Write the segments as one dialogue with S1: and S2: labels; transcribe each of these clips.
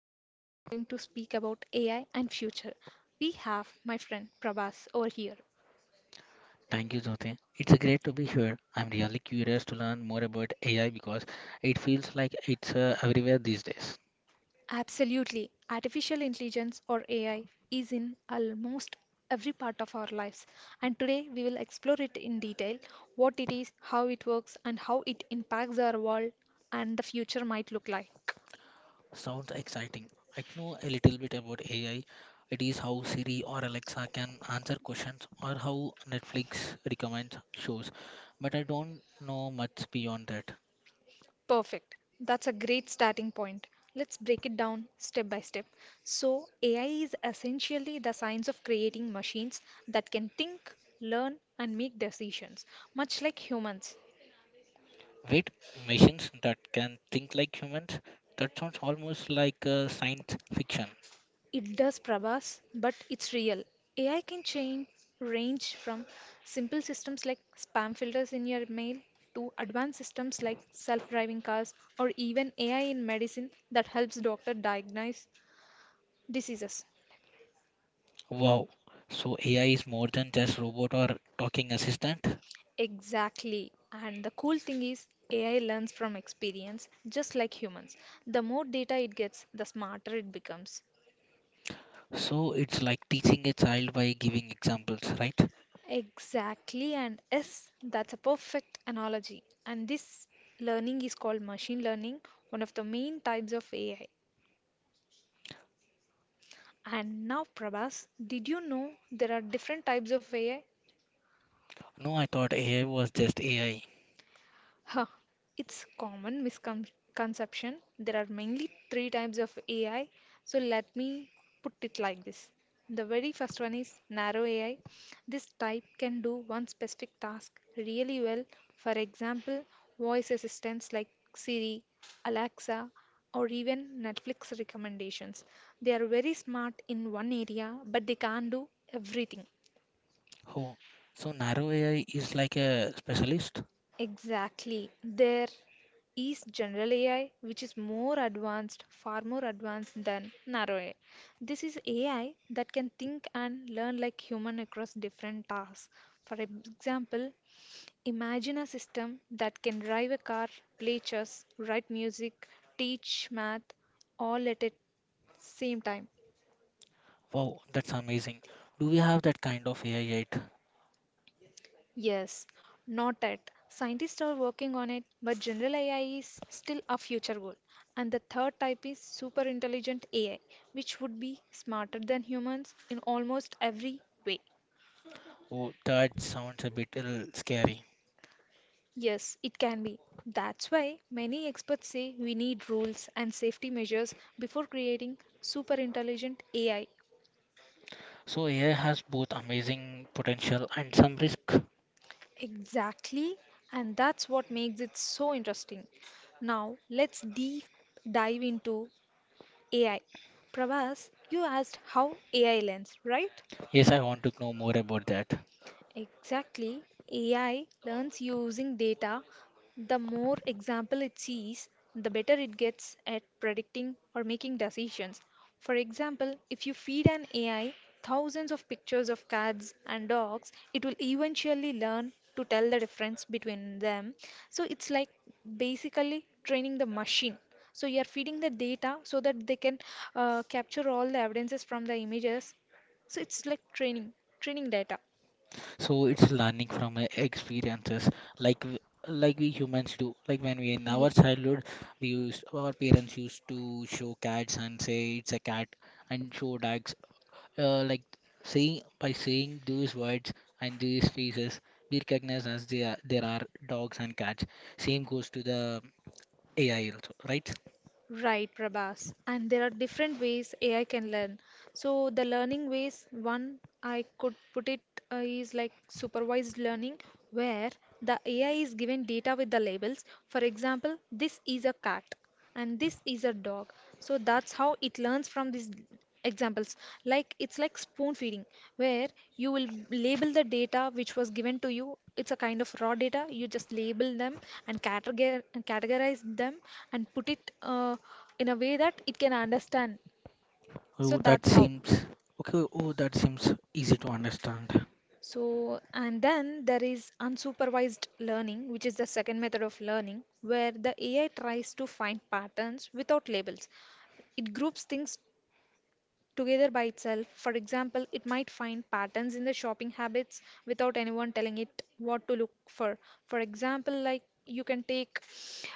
S1: Today, we are going to speak about AI and future. We have my friend Prabhas over here.
S2: Thank you, Jyoti. It's great to be here. I'm really curious to learn more about AI because it feels like it's everywhere these days.
S1: Absolutely, artificial intelligence or AI is in almost every part of our lives, and today we will explore it in detail, what it is, how it works, and how it impacts our world and the future might look like.
S2: Sounds exciting. I know a little bit about AI. It is how Siri or Alexa can answer questions or how Netflix recommends shows, but I don't know much beyond that.
S1: Perfect. That's a great starting point. Let's break it down step by step. So, AI is essentially the science of creating machines that can think, learn, and make decisions, much like humans.
S2: Wait, machines that can think like humans? That sounds almost like science fiction.
S1: It does Prabhas, but it's real. AI can change range from simple systems like spam filters in your mail to advanced systems like self-driving cars or even AI in medicine that helps doctor diagnose diseases.
S2: Wow. So AI is more than just robot or talking assistant?
S1: Exactly. And the cool thing is, AI learns from experience, just like humans. The more data it gets, the smarter it becomes.
S2: So it's like teaching a child by giving examples, right?
S1: Exactly. And yes, that's a perfect analogy. And this learning is called machine learning, one of the main types of AI. And now, Prabhas, did you know there are different types of AI?
S2: No, I thought AI was just AI.
S1: Huh, it's common misconception. There are mainly three types of AI. So let me put it like this. The very first one is narrow AI. This type can do one specific task really well. For example, voice assistants like Siri, Alexa, or even Netflix recommendations. They are very smart in one area, but they can't do everything.
S2: Oh, so narrow AI is like a specialist?
S1: Exactly. There is general AI, which is more advanced, far more advanced than narrow AI. This is AI that can think and learn like human across different tasks. For example, imagine a system that can drive a car, play chess, write music, teach math, all at the same time.
S2: Wow, that's amazing. Do we have that kind of AI yet?
S1: Yes, not yet. Scientists are working on it, but general AI is still a future goal. And the third type is super intelligent AI, which would be smarter than humans in almost every way.
S2: Oh, that sounds a bit scary.
S1: Yes, it can be. That's why many experts say we need rules and safety measures before creating super intelligent AI.
S2: So AI has both amazing potential and some risk.
S1: Exactly, and that's what makes it so interesting. Now, let's deep dive into AI. Pravas, you asked how AI learns, right?
S2: Yes, I want to know more about that.
S1: Exactly. AI learns using data. The more example it sees, the better it gets at predicting or making decisions. For example, if you feed an AI thousands of pictures of cats and dogs, it will eventually learn to tell the difference between them. So it's like basically training the machine. So you are feeding the data so that they can capture all the evidences from the images. So it's like training, training data.
S2: So it's learning from experiences like w- like we humans do. Like when we in our
S1: Ye-
S2: childhood, we used our parents used to show cats and say it's a cat and show dogs. Like saying by saying these words and these faces, we recognize as they are, there are dogs and cats. Same goes to the AI also, right?
S1: Right, Prabhas. And there are different ways AI can learn. So the learning ways, one I could put it is like supervised learning, where the AI is given data with the labels. For example, this is a cat and this is a dog. So that's how it learns from this examples, like it's like spoon feeding, where you will label the data which was given to you. It's a kind of raw data, you just label them and categorize them and put it in a way that it can understand. So
S2: Oh, that
S1: that's how.
S2: seems okay. Oh, that seems easy to understand.
S1: So, and then there is unsupervised learning, which is the second method of learning, where the AI tries to find patterns without labels. It groups things together by itself. For example, it might find patterns in the shopping habits without anyone telling it what to look for. For example, like you can take,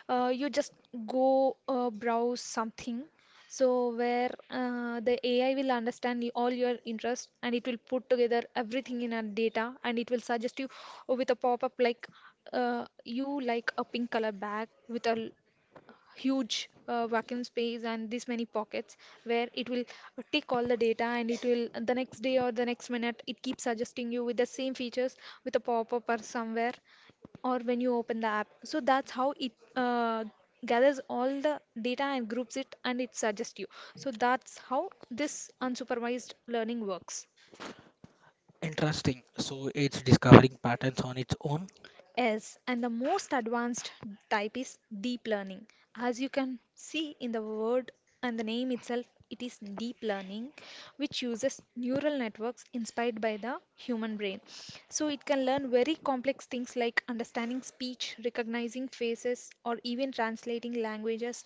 S1: you just go browse something. So where the AI will understand all your interests, and it will put together everything in a data and it will suggest you with a pop-up, like you like a pink color bag with a huge vacuum space and this many pockets, where it will take all the data, and it will the next day or the next minute, it keeps suggesting you with the same features with a pop-up or somewhere or when you open the app. So that's how it gathers all the data and groups it and it suggests you. So that's how this unsupervised learning works.
S2: Interesting. So it's discovering patterns on its own.
S1: Yes, and the most advanced type is deep learning. As you can see in the word and the name itself, it is deep learning, which uses neural networks inspired by the human brain. So it can learn very complex things like understanding speech, recognizing faces, or even translating languages.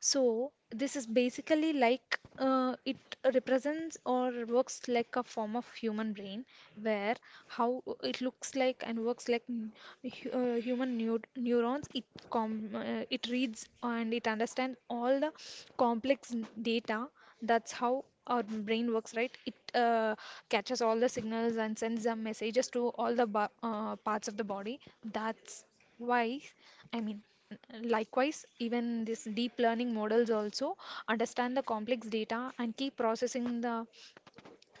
S1: So this is basically like it represents or works like a form of human brain, where how it looks like and works like human neurons. It reads and it understands all the complex data. That's how our brain works, right? It catches all the signals and sends the messages to all the parts of the body. That's why. I mean, likewise, even these deep learning models also understand the complex data and keep processing the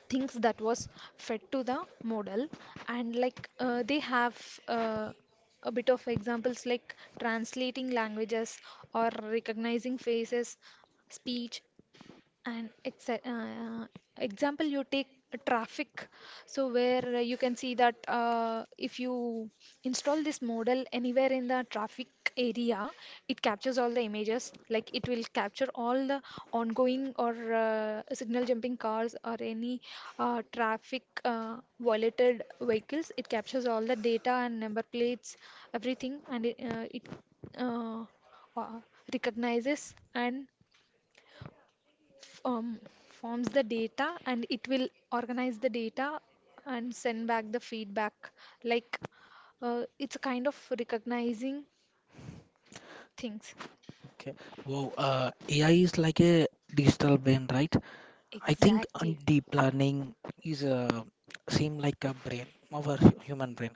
S1: things that was fed to the model. And like they have a bit of examples, like translating languages or recognizing faces, speech, and example, you take a traffic, so where you can see that if you install this model anywhere in the traffic area, it captures all the images. Like it will capture all the ongoing or signal jumping cars or any traffic violated vehicles. It captures all the data and number plates, everything, and it uh, uh, recognizes and f- um, forms the data, and it will organize the data and send back the feedback, like it's a kind of recognizing things.
S2: Okay. Wow. AI is like a digital brain, right? I think
S1: Exactly.
S2: deep learning is a seem like a brain, human brain.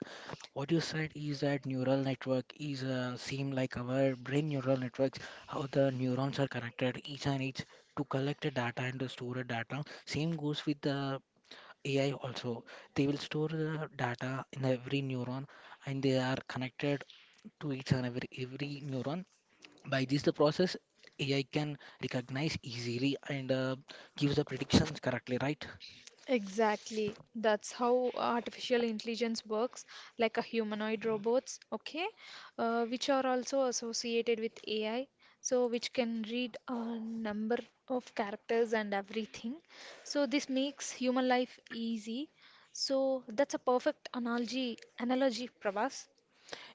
S2: What you said is that neural network is seem like our brain neural networks, how the neurons are connected each and each to collect the data and to store the data. Same goes with the AI also. They will store the data in every neuron and they are connected to each and every neuron by this the process, AI can recognize easily and gives the predictions correctly, right?
S1: Exactly. That's how artificial intelligence works, like a humanoid robots, okay, which are also associated with AI, so which can read a number of characters and everything. So this makes human life easy. So that's a perfect analogy, Prabhas.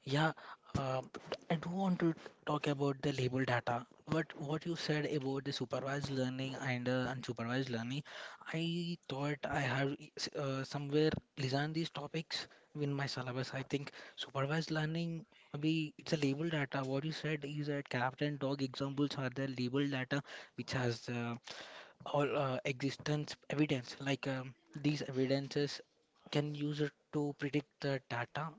S2: Yeah, uh, I do want to talk about the label data. But what you said about the supervised learning and unsupervised learning, I thought I have somewhere designed these topics in my syllabus. I think supervised learning, maybe it's a label data. What you said is that cat and dog examples are the label data which has all existence evidence like these evidences can use it to predict the data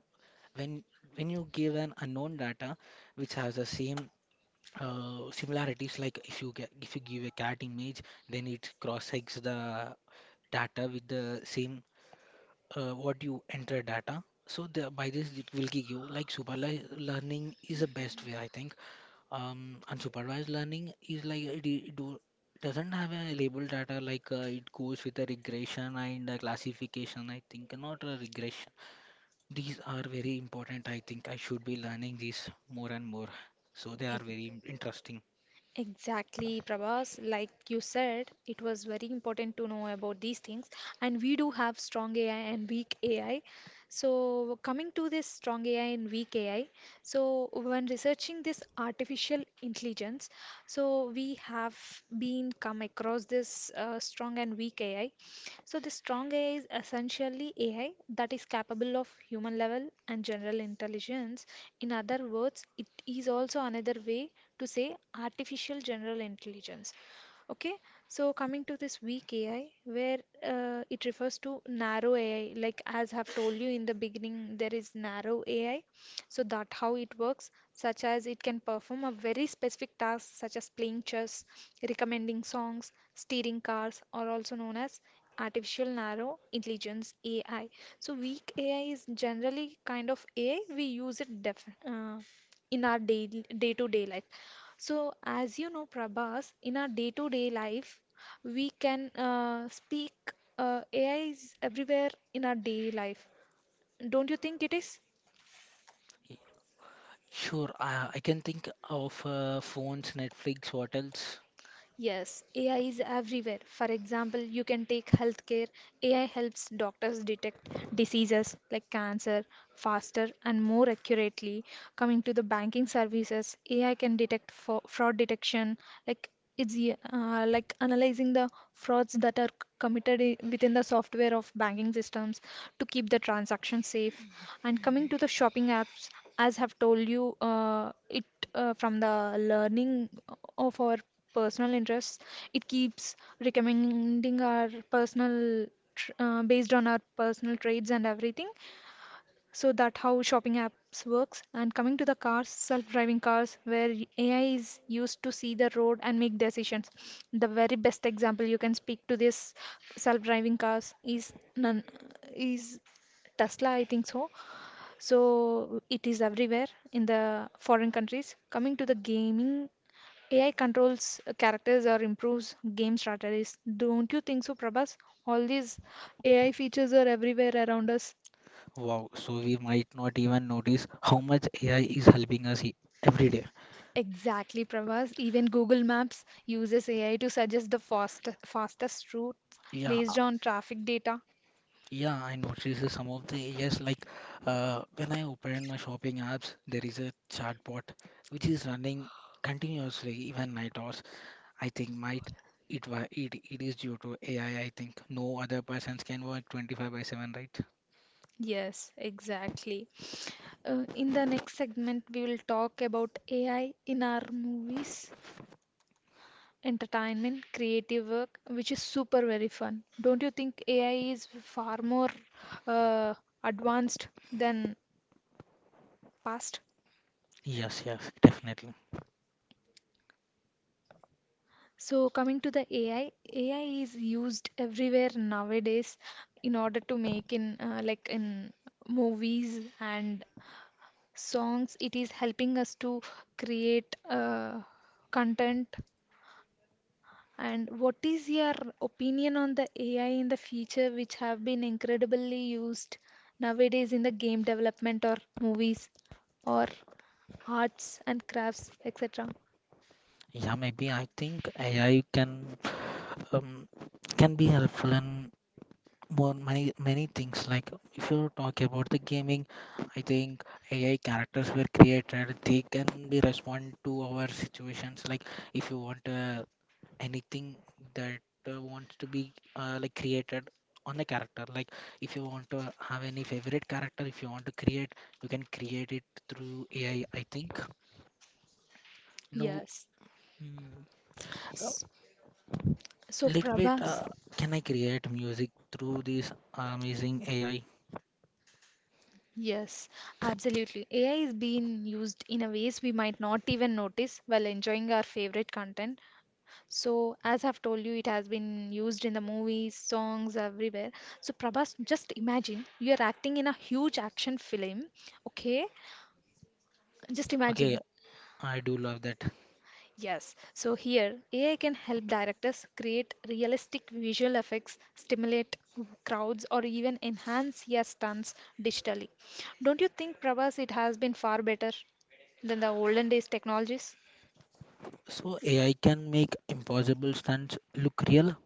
S2: when you give an unknown data which has the same similarities like if you give a cat image, then it cross checks the data with the same what you enter data. So by this it will give you like super learning is the best way, I think. Unsupervised learning is like it doesn't have a label data like it goes with a regression and a classification, I think, not a regression. These are very important. I think I should be learning these more and more. So they are very interesting.
S1: Exactly, Prabhas. Like you said, it was very important to know about these things. And we do have strong AI and weak AI. So, coming to this strong AI and weak AI, so when researching this artificial intelligence, so we have been come across this strong and weak AI. So, the strong AI is essentially AI that is capable of human level and general intelligence. In other words, it is also another way to say artificial general intelligence. Okay, so coming to this weak AI, where it refers to narrow AI, like as I've told you in the beginning, there is narrow AI. So that how it works, such as it can perform a very specific task, such as playing chess, recommending songs, steering cars, are also known as artificial narrow intelligence AI. So weak AI is generally kind of AI we use it def in our daily day-to-day life. So, as you know, Prabhas, in our day-to-day life, we can speak AI is everywhere in our daily life. Don't you think it is?
S2: Y- Sure, I can think of phones, Netflix, what else?
S1: Yes, AI is everywhere. For example, you can take healthcare. AI helps doctors detect diseases like cancer faster and more accurately. Coming to the banking services, AI can detect fraud detection, like it's like analyzing the frauds that are committed within the software of banking systems to keep the transaction safe. And coming to the shopping apps, as have told you, it from the learning of our personal interests, it keeps recommending our personal based on our personal traits and everything. So that how shopping apps works. And coming to the cars, self-driving cars, where AI is used to see the road and make decisions. The very best example you can speak to this self-driving cars is none is Tesla, I think so. So it is everywhere in the foreign countries. Coming to the gaming, AI controls characters or improves game strategies. Don't you think so, Prabhas? All these AI features are everywhere around us.
S2: Wow, so we might not even notice how much AI is helping us every day.
S1: Exactly, Prabhas. Even Google Maps uses AI to suggest the fastest routes
S2: Yeah,
S1: based on traffic data.
S2: yeah, I noticed some of the, yes, like when I open my shopping apps, there is a chatbot which is running continuously even night hours. I think might it wa it, it is due to AI. I think no other persons can work 25 by 7, right?
S1: Yes, exactly. In the next segment, we will talk about AI in our movies, entertainment, creative work, which is super very fun. Don't you think AI is far more uh, advanced than past?
S2: Yes, yes, definitely.
S1: So coming to the AI, AI is used everywhere nowadays in order to make in like in movies and songs. It is helping us to create content. And what is your opinion on the AI in the future, which have been incredibly used nowadays in the game development or movies or arts and crafts, etc.?
S2: Yeah, maybe I think AI um, can be helpful in more many many things. Like if you talk about the gaming, I think AI characters were created, they can be respond to our situations. Like if you want anything that wants to be like created on the character, like if you want to have any favorite character, if you want to create, you can create it through AI, I think. No,
S1: Yes.
S2: mm, uh,
S1: S- So,
S2: little bit,
S1: Prabhas,
S2: can I create music through this amazing AI?
S1: yes, absolutely. AI is being used in a ways we might not even notice while enjoying our favorite content. So, as I've told you, it has been used in the movies, songs, everywhere. So, Prabhas, just imagine you're acting in a huge action film, okay? Just
S2: Okay,
S1: imagine.
S2: I do love that.
S1: Yes. So, here, AI can help directors create realistic visual effects, stimulate crowds, or even enhance your stunts digitally. Don't you think, Prabhas, it has been far better than the olden days technologies?
S2: So AI can make impossible stunts look real?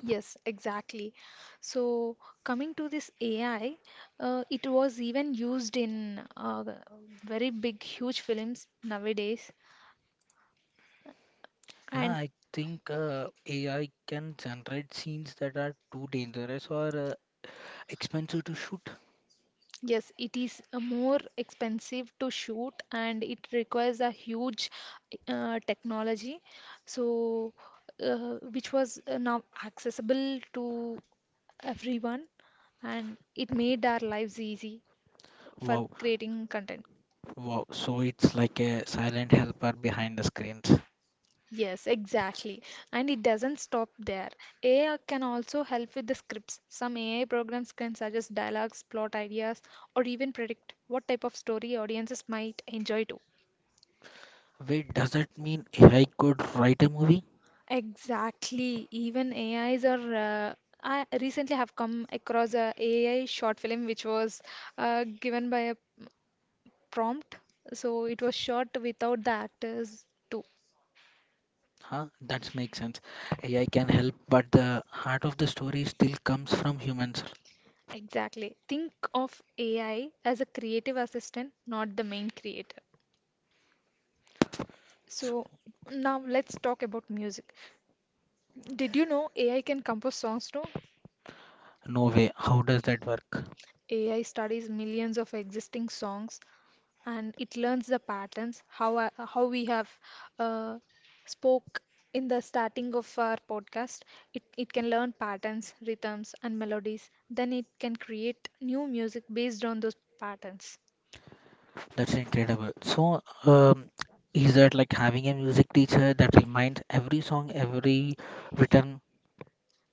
S1: Yes, exactly. So, coming to this AI, it was even used in the very big, huge films nowadays.
S2: Yeah,
S1: And
S2: I think AI can generate scenes that are too dangerous or expensive to shoot.
S1: yes, it is more expensive to shoot and it requires a huge technology. So, which was now accessible to everyone, and it made our lives easy for
S2: Wow,
S1: creating content.
S2: wow. So it's like a silent helper behind the screens.
S1: Yes, exactly. And it doesn't stop there. AI can also help with the scripts. Some AI programs can suggest dialogues, plot ideas, or even predict what type of story audiences might enjoy too.
S2: Wait, does that mean AI could write a movie?
S1: Exactly. Even AIs are. I recently have come across a AI short film which was given by a prompt, so it was shot without the actors too.
S2: Huh? That makes sense. AI can help, but the heart of the story still comes from humans.
S1: Exactly. Think of AI as a creative assistant, not the main creator.
S2: So,
S1: So now let's talk about music. Did you know AI can compose songs too?
S2: no way. How does that work?
S1: AI studies millions of existing songs, and it learns the patterns how how we have uh, spoke in the starting of our podcast. It can learn patterns, rhythms, and melodies. Then it can create new music based on those patterns.
S2: That's incredible. So, is that like having a music teacher that reminds every song, every written,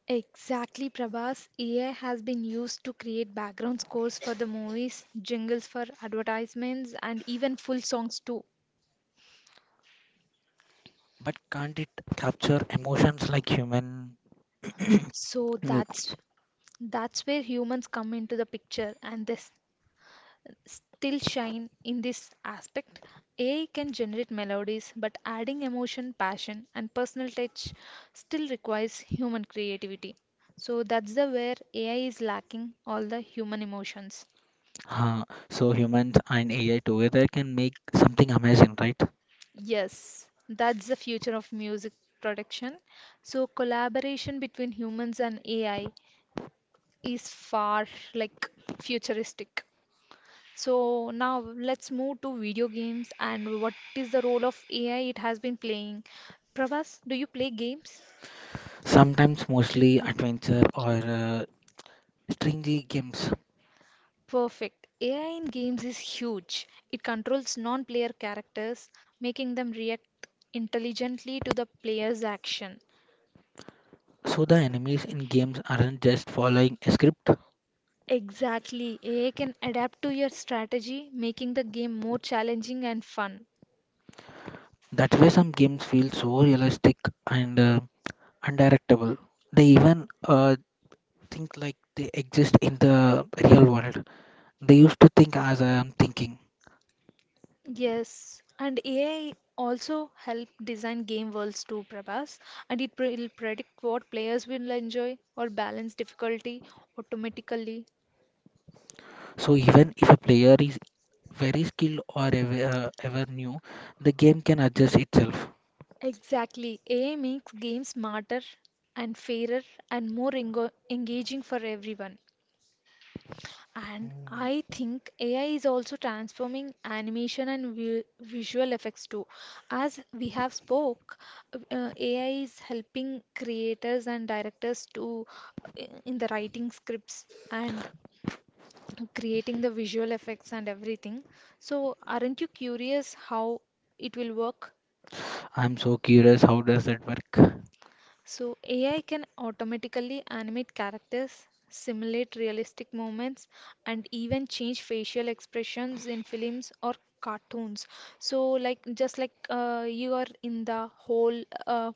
S1: Exactly, Prabhas. AI has been used to create background scores for the movies, jingles for advertisements, and even full songs too.
S2: but can't it capture emotions like human?
S1: So
S2: you-
S1: that's that's where humans come into the picture, and still shine in this aspect. AI can generate melodies, but adding emotion, passion, and personal touch still requires human creativity. So that's the where AI is lacking all the human emotions.
S2: Huh. So humans and AI together can make something amazing, right?
S1: Yes, that's the future of music production. So collaboration between humans and AI is far like futuristic. So now let's move to video games and what is the role of AI it has been playing. Prabhas, do you play games?
S2: Sometimes, mostly adventure or uh, stringy games.
S1: Perfect. AI in games is huge. It controls non player characters, making them react intelligently to the player's action.
S2: So the enemies in games aren't just following a script.
S1: Exactly. AI can adapt to your strategy, making the game more challenging and fun.
S2: That way, some games feel so realistic and undirectable. They even think like they exist in the real world. They used to think as I am thinking.
S1: Yes, and AI also help design game worlds too, Prabhas, and will predict what players will enjoy or balance difficulty automatically.
S2: So even if a player is very skilled or ever, ever new, the game can adjust itself.
S1: Exactly. AI makes games smarter and fairer and more engaging for everyone. And
S2: Mm.
S1: I think AI is also transforming animation and vi visual effects too. As we have spoke, AI is helping creators and directors to in the writing scripts and creating the visual effects and everything. So, aren't you curious how it will work?
S2: I'm so curious, how does that work?
S1: So, AI can automatically animate characters, simulate realistic moments, and even change facial expressions in films or cartoons. So, like just like you are in the whole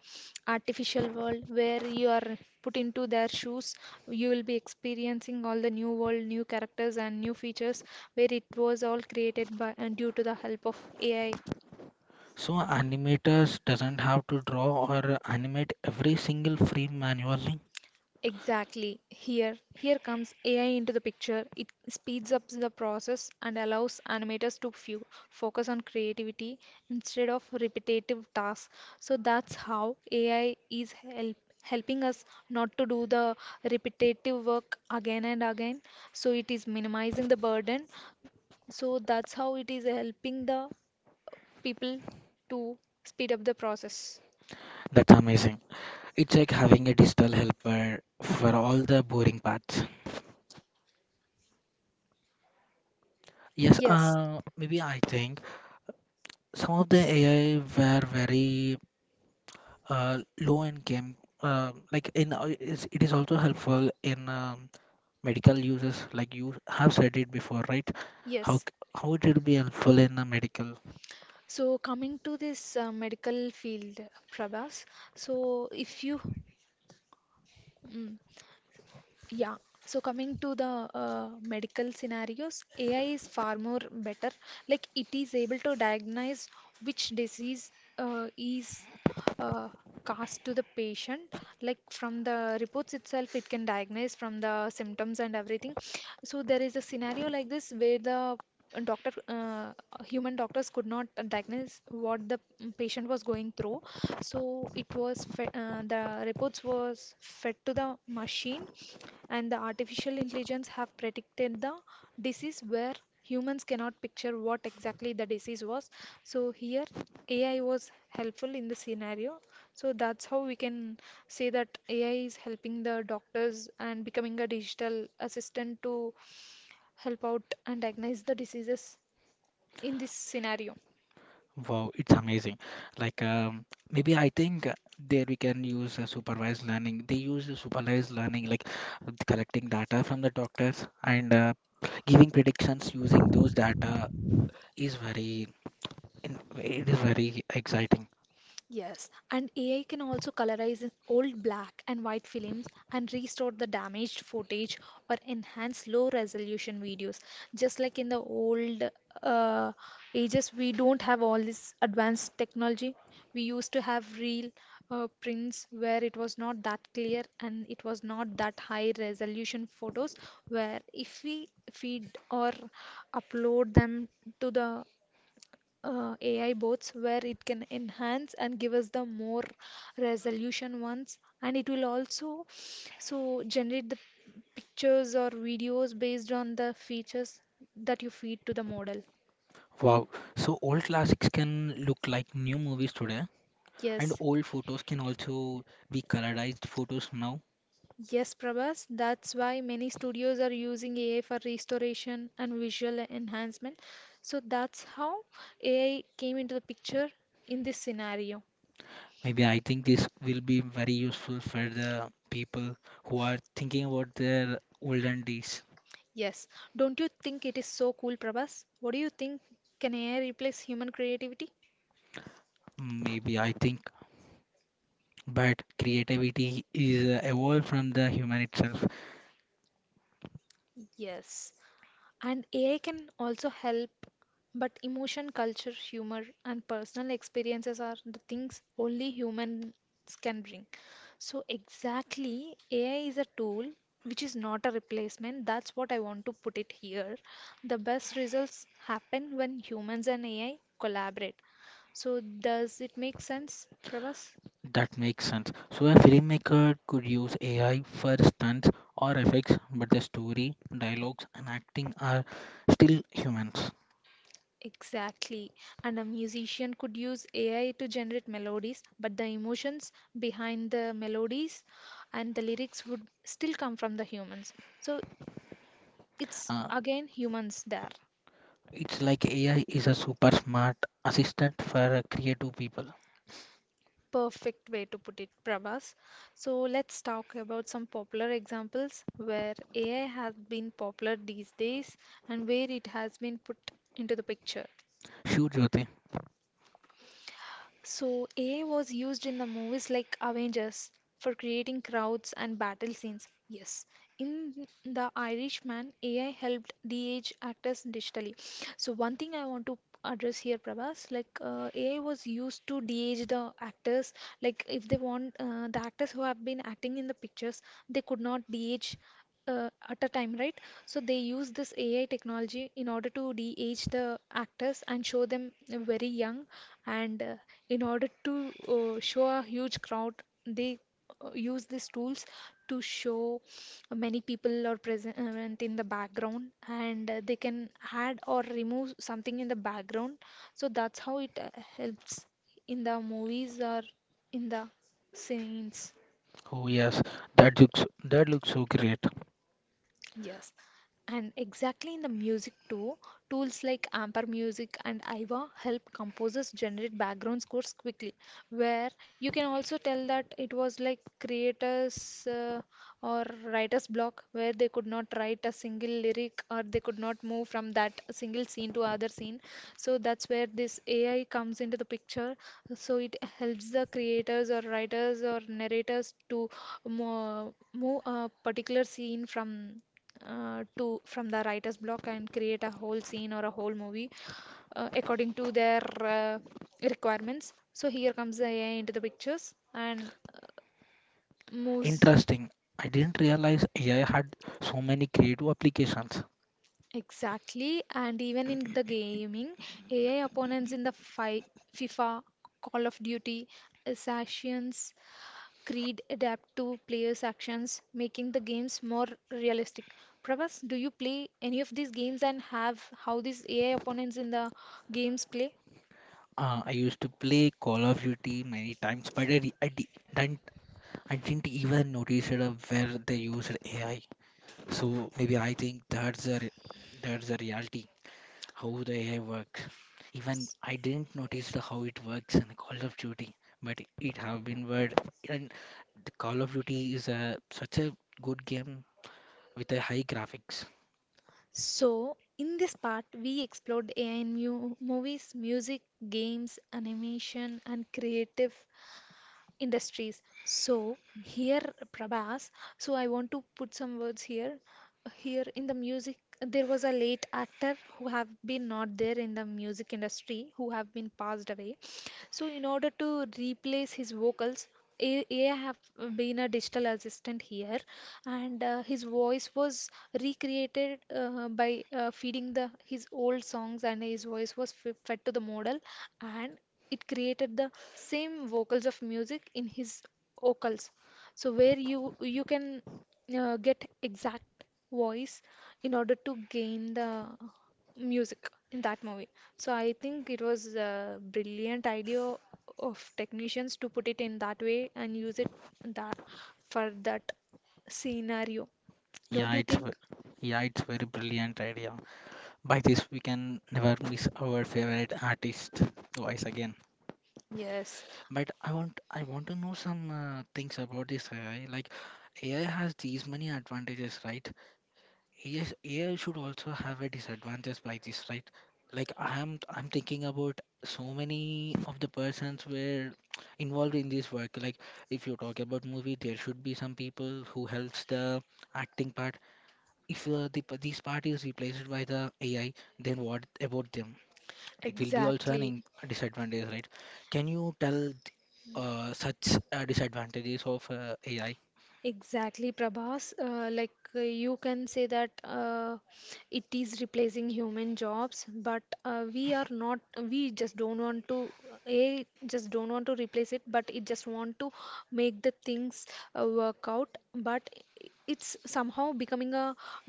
S1: artificial world where you are put into their shoes, you will be experiencing all the new world, new characters, and new features, where it was all created by and due to the help of AI.
S2: So animators doesn't have to draw or animate every single frame manually.
S1: Exactly. Here comes AI into the picture. It speeds up the process and allows animators to focus on creativity instead of repetitive tasks. So that's how AI is helping us not to do the repetitive work again and again. So it is minimizing the burden. So that's how it is helping the people to speed up the process.
S2: That's amazing. It's like having a digital helper for all the boring parts. Yes,
S1: Yes,
S2: maybe I think some of the AI were very low income like in it is also helpful in medical uses, like you have said it before, right? how
S1: yes.
S2: c- how it will be helpful in a medical?
S1: So coming to this medical field, Prabhas, so if you mm, yeah. So coming to the medical scenarios, AI is far more better. Like it is able to diagnose which disease is uh, caused to the patient. Like from the reports itself, it can diagnose from the symptoms and everything. So there is a scenario like this where the doctor, uh, human doctors could not diagnose what the patient was going through. So the reports was fed to the machine, and the artificial intelligence have predicted the disease where humans cannot picture what exactly the disease was. So here AI was helpful in the scenario. So that's how we can say that AI is helping the doctors and becoming a digital assistant to help out and diagnose the diseases in this scenario.
S2: Wow, it's amazing. Like maybe I think there we can use supervised learning. They use the supervised learning like collecting data from the doctors and giving predictions using those data is very it is very exciting.
S1: Yes, and AI can also colorize old black and white films and restore the damaged footage or enhance low resolution videos. Just like in the old uh, ages, we don't have all this advanced technology. We used to have real prints where it was not that clear and it was not that high resolution photos. Where if we feed or upload them to the AI boards, where it can enhance and give us the more resolution ones, and it will also so generate the pictures or videos based on the features that you feed to the model.
S2: Wow. So old classics can look like new movies today, and
S1: Yes,
S2: old photos can also be colorized photos now.
S1: yes, Prabhas, that's why many studios are using AI for restoration and visual enhancement. So that's how AI came into the picture in this scenario.
S2: Maybe I think this will be very useful for the people who are thinking about their olden days.
S1: Yes. Don't you think it is so cool, Prabhas? What do you think? Can AI replace human creativity?
S2: Maybe I think, but creativity is evolved from the human itself.
S1: Yes. And AI can also help, but emotion, culture, humor, and personal experiences are the things only humans can bring. So, exactly, AI is a tool which is not a replacement. That's what I want to put it here. The best results happen when humans and AI collaborate. So, does it make sense, Prabhas?
S2: That makes sense. So a filmmaker could use AI for stunts or effects, but the story, dialogues, and acting are still humans.
S1: Exactly. And a musician could use AI to generate melodies, but the emotions behind the melodies and the lyrics would still come from the humans. So it's
S2: Uh,
S1: again humans there.
S2: It's like AI is a super smart assistant for creative people.
S1: Perfect way to put it, Prabhas. So let's talk about some popular examples where AI has been popular these days and where it has been put into the picture.
S2: Sure, Jyoti.
S1: So, AI was used in the movies like Avengers for creating crowds and battle scenes. Yes, in The Irishman, AI helped de-age actors digitally. So, one thing I want to address here, Prabhas, like AI was used to de-age the actors. Like if they want the actors who have been acting in the pictures, they could not de-age at a time, right? So they use this AI technology in order to de-age the actors and show them very young, and in order to show a huge crowd, they use these tools to show many people are present in the background, and they can add or remove something in the background. So that's how it helps in the movies or in the scenes.
S2: Oh yes, that looks so great.
S1: Yes, and exactly in the music too, tools like Amper Music and Aiva help composers generate background scores quickly, where you can also tell that it was like creators or writer's block, where they could not write a single lyric or they could not move from that single scene to other scene. So that's where this AI comes into the picture. So it helps the creators or writers or narrators to move a particular scene from to from the writer's block, and create a whole scene or a whole movie according to their requirements. So here comes the AI into the pictures and moves
S2: Interesting. I didn't realize AI had so many creative applications.
S1: exactly. And even in the gaming, AI opponents in the fi FIFA, Call of Duty, Assassins Creed adapt to players' actions, making the games more realistic. Pravas, do you play any of these games and have how these AI opponents in the games play?
S2: I used to play Call of Duty many times, but I, re- I di- didn't I didn't even notice it, where they used AI. So maybe I think that's the reality. How the AI work. Even I didn't notice the how it works in the Call of Duty, but it have been word, and the Call of Duty is a such a good game with a high graphics.
S1: So, in this part, we explored AI in mu movies, music, games, animation, and creative industries. So here, Prabhas, so I want to put some words here. Here in the music, there was a late actor who have been not there in the music industry, who have been passed away. So in order to replace his vocals, AI have been a digital assistant here, and his voice was recreated by feeding the his old songs, and his voice was f fed to the model, and it created the same vocals of music in his vocals. So where you can get exact voice in order to gain the music in that movie. So I think it was a brilliant idea of technicians to put it in that way and use it that for that scenario. Don't
S2: Yeah,
S1: you
S2: it's v-
S1: think?
S2: yeah, it's very brilliant idea. By this we can never miss our favorite artist twice again.
S1: Yes,
S2: But I want to know some things about this AI. Like AI has these many advantages, right? Yes, AI should also have a disadvantage by this, right? Like I'm thinking about so many of the persons were involved in this work. Like if you talk about movie, there should be some people who helps the acting part. If this part is replaced by the AI, then what about them? It will be also an
S1: exactly.
S2: in disadvantage, right? Can you tell such disadvantages of AI?
S1: Exactly, Prabhas. Like you can say that it is replacing human jobs, but we are not. We just don't want to. A just don't want to replace it, but it just want to make the things work out. But it's somehow becoming a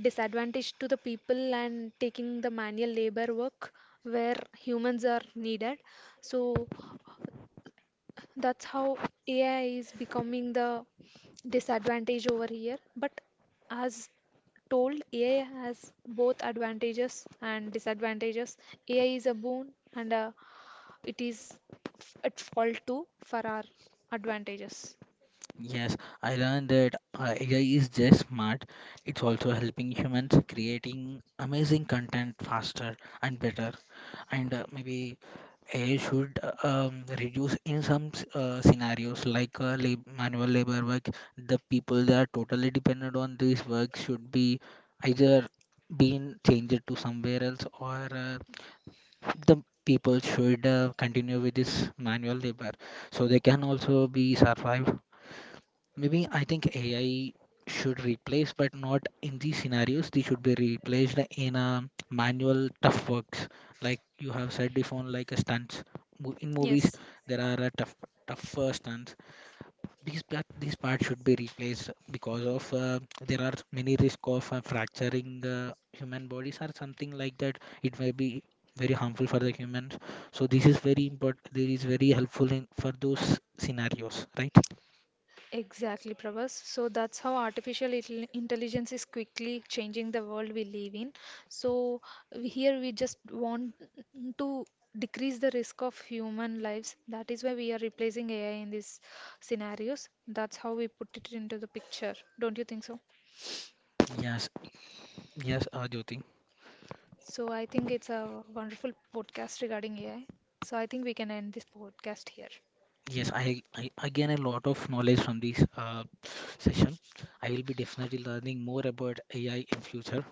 S1: disadvantage to the people and taking the manual labor work where humans are needed. So that's how AI is becoming the disadvantage over here. But as told, AI has both advantages and disadvantages. AI is a boon, and it is at fault too for our advantages.
S2: Yes, I learned that AI is just smart. It's also helping humans creating amazing content faster and better. And maybe AI should reduce in some scenarios like lab manual labor work. The people that are totally dependent on this work should be either being changed to somewhere else, or the people should continue with this manual labor so they can also be survive. Maybe I think AI should replace, but not in these scenarios. They should be replaced in a manual tough works, like you have said before, like a stunts. In movies,
S1: Yes.
S2: there are a tough tougher stunts. These part, these parts should be replaced because of there are many risk of fracturing human bodies or something like that. It may be very harmful for the humans. So this is very important. This is very helpful in for those scenarios, right?
S1: Exactly, Prabhas. So that's how artificial intelligence is quickly changing the world we live in. So we- here we just want to decrease the risk of human lives. That is why we are replacing AI in these scenarios. That's how we put it into the picture. Don't you think so?
S2: Yes, yes, Jyoti.
S1: So I think it's a wonderful podcast regarding AI. So I think we can end this podcast here.
S2: Yes, I gain a lot of knowledge from this session. I will be definitely learning more about AI in future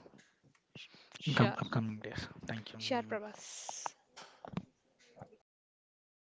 S1: Sh-
S2: in
S1: Sure.
S2: upcoming days. Thank you.
S1: Sure, Prabhas.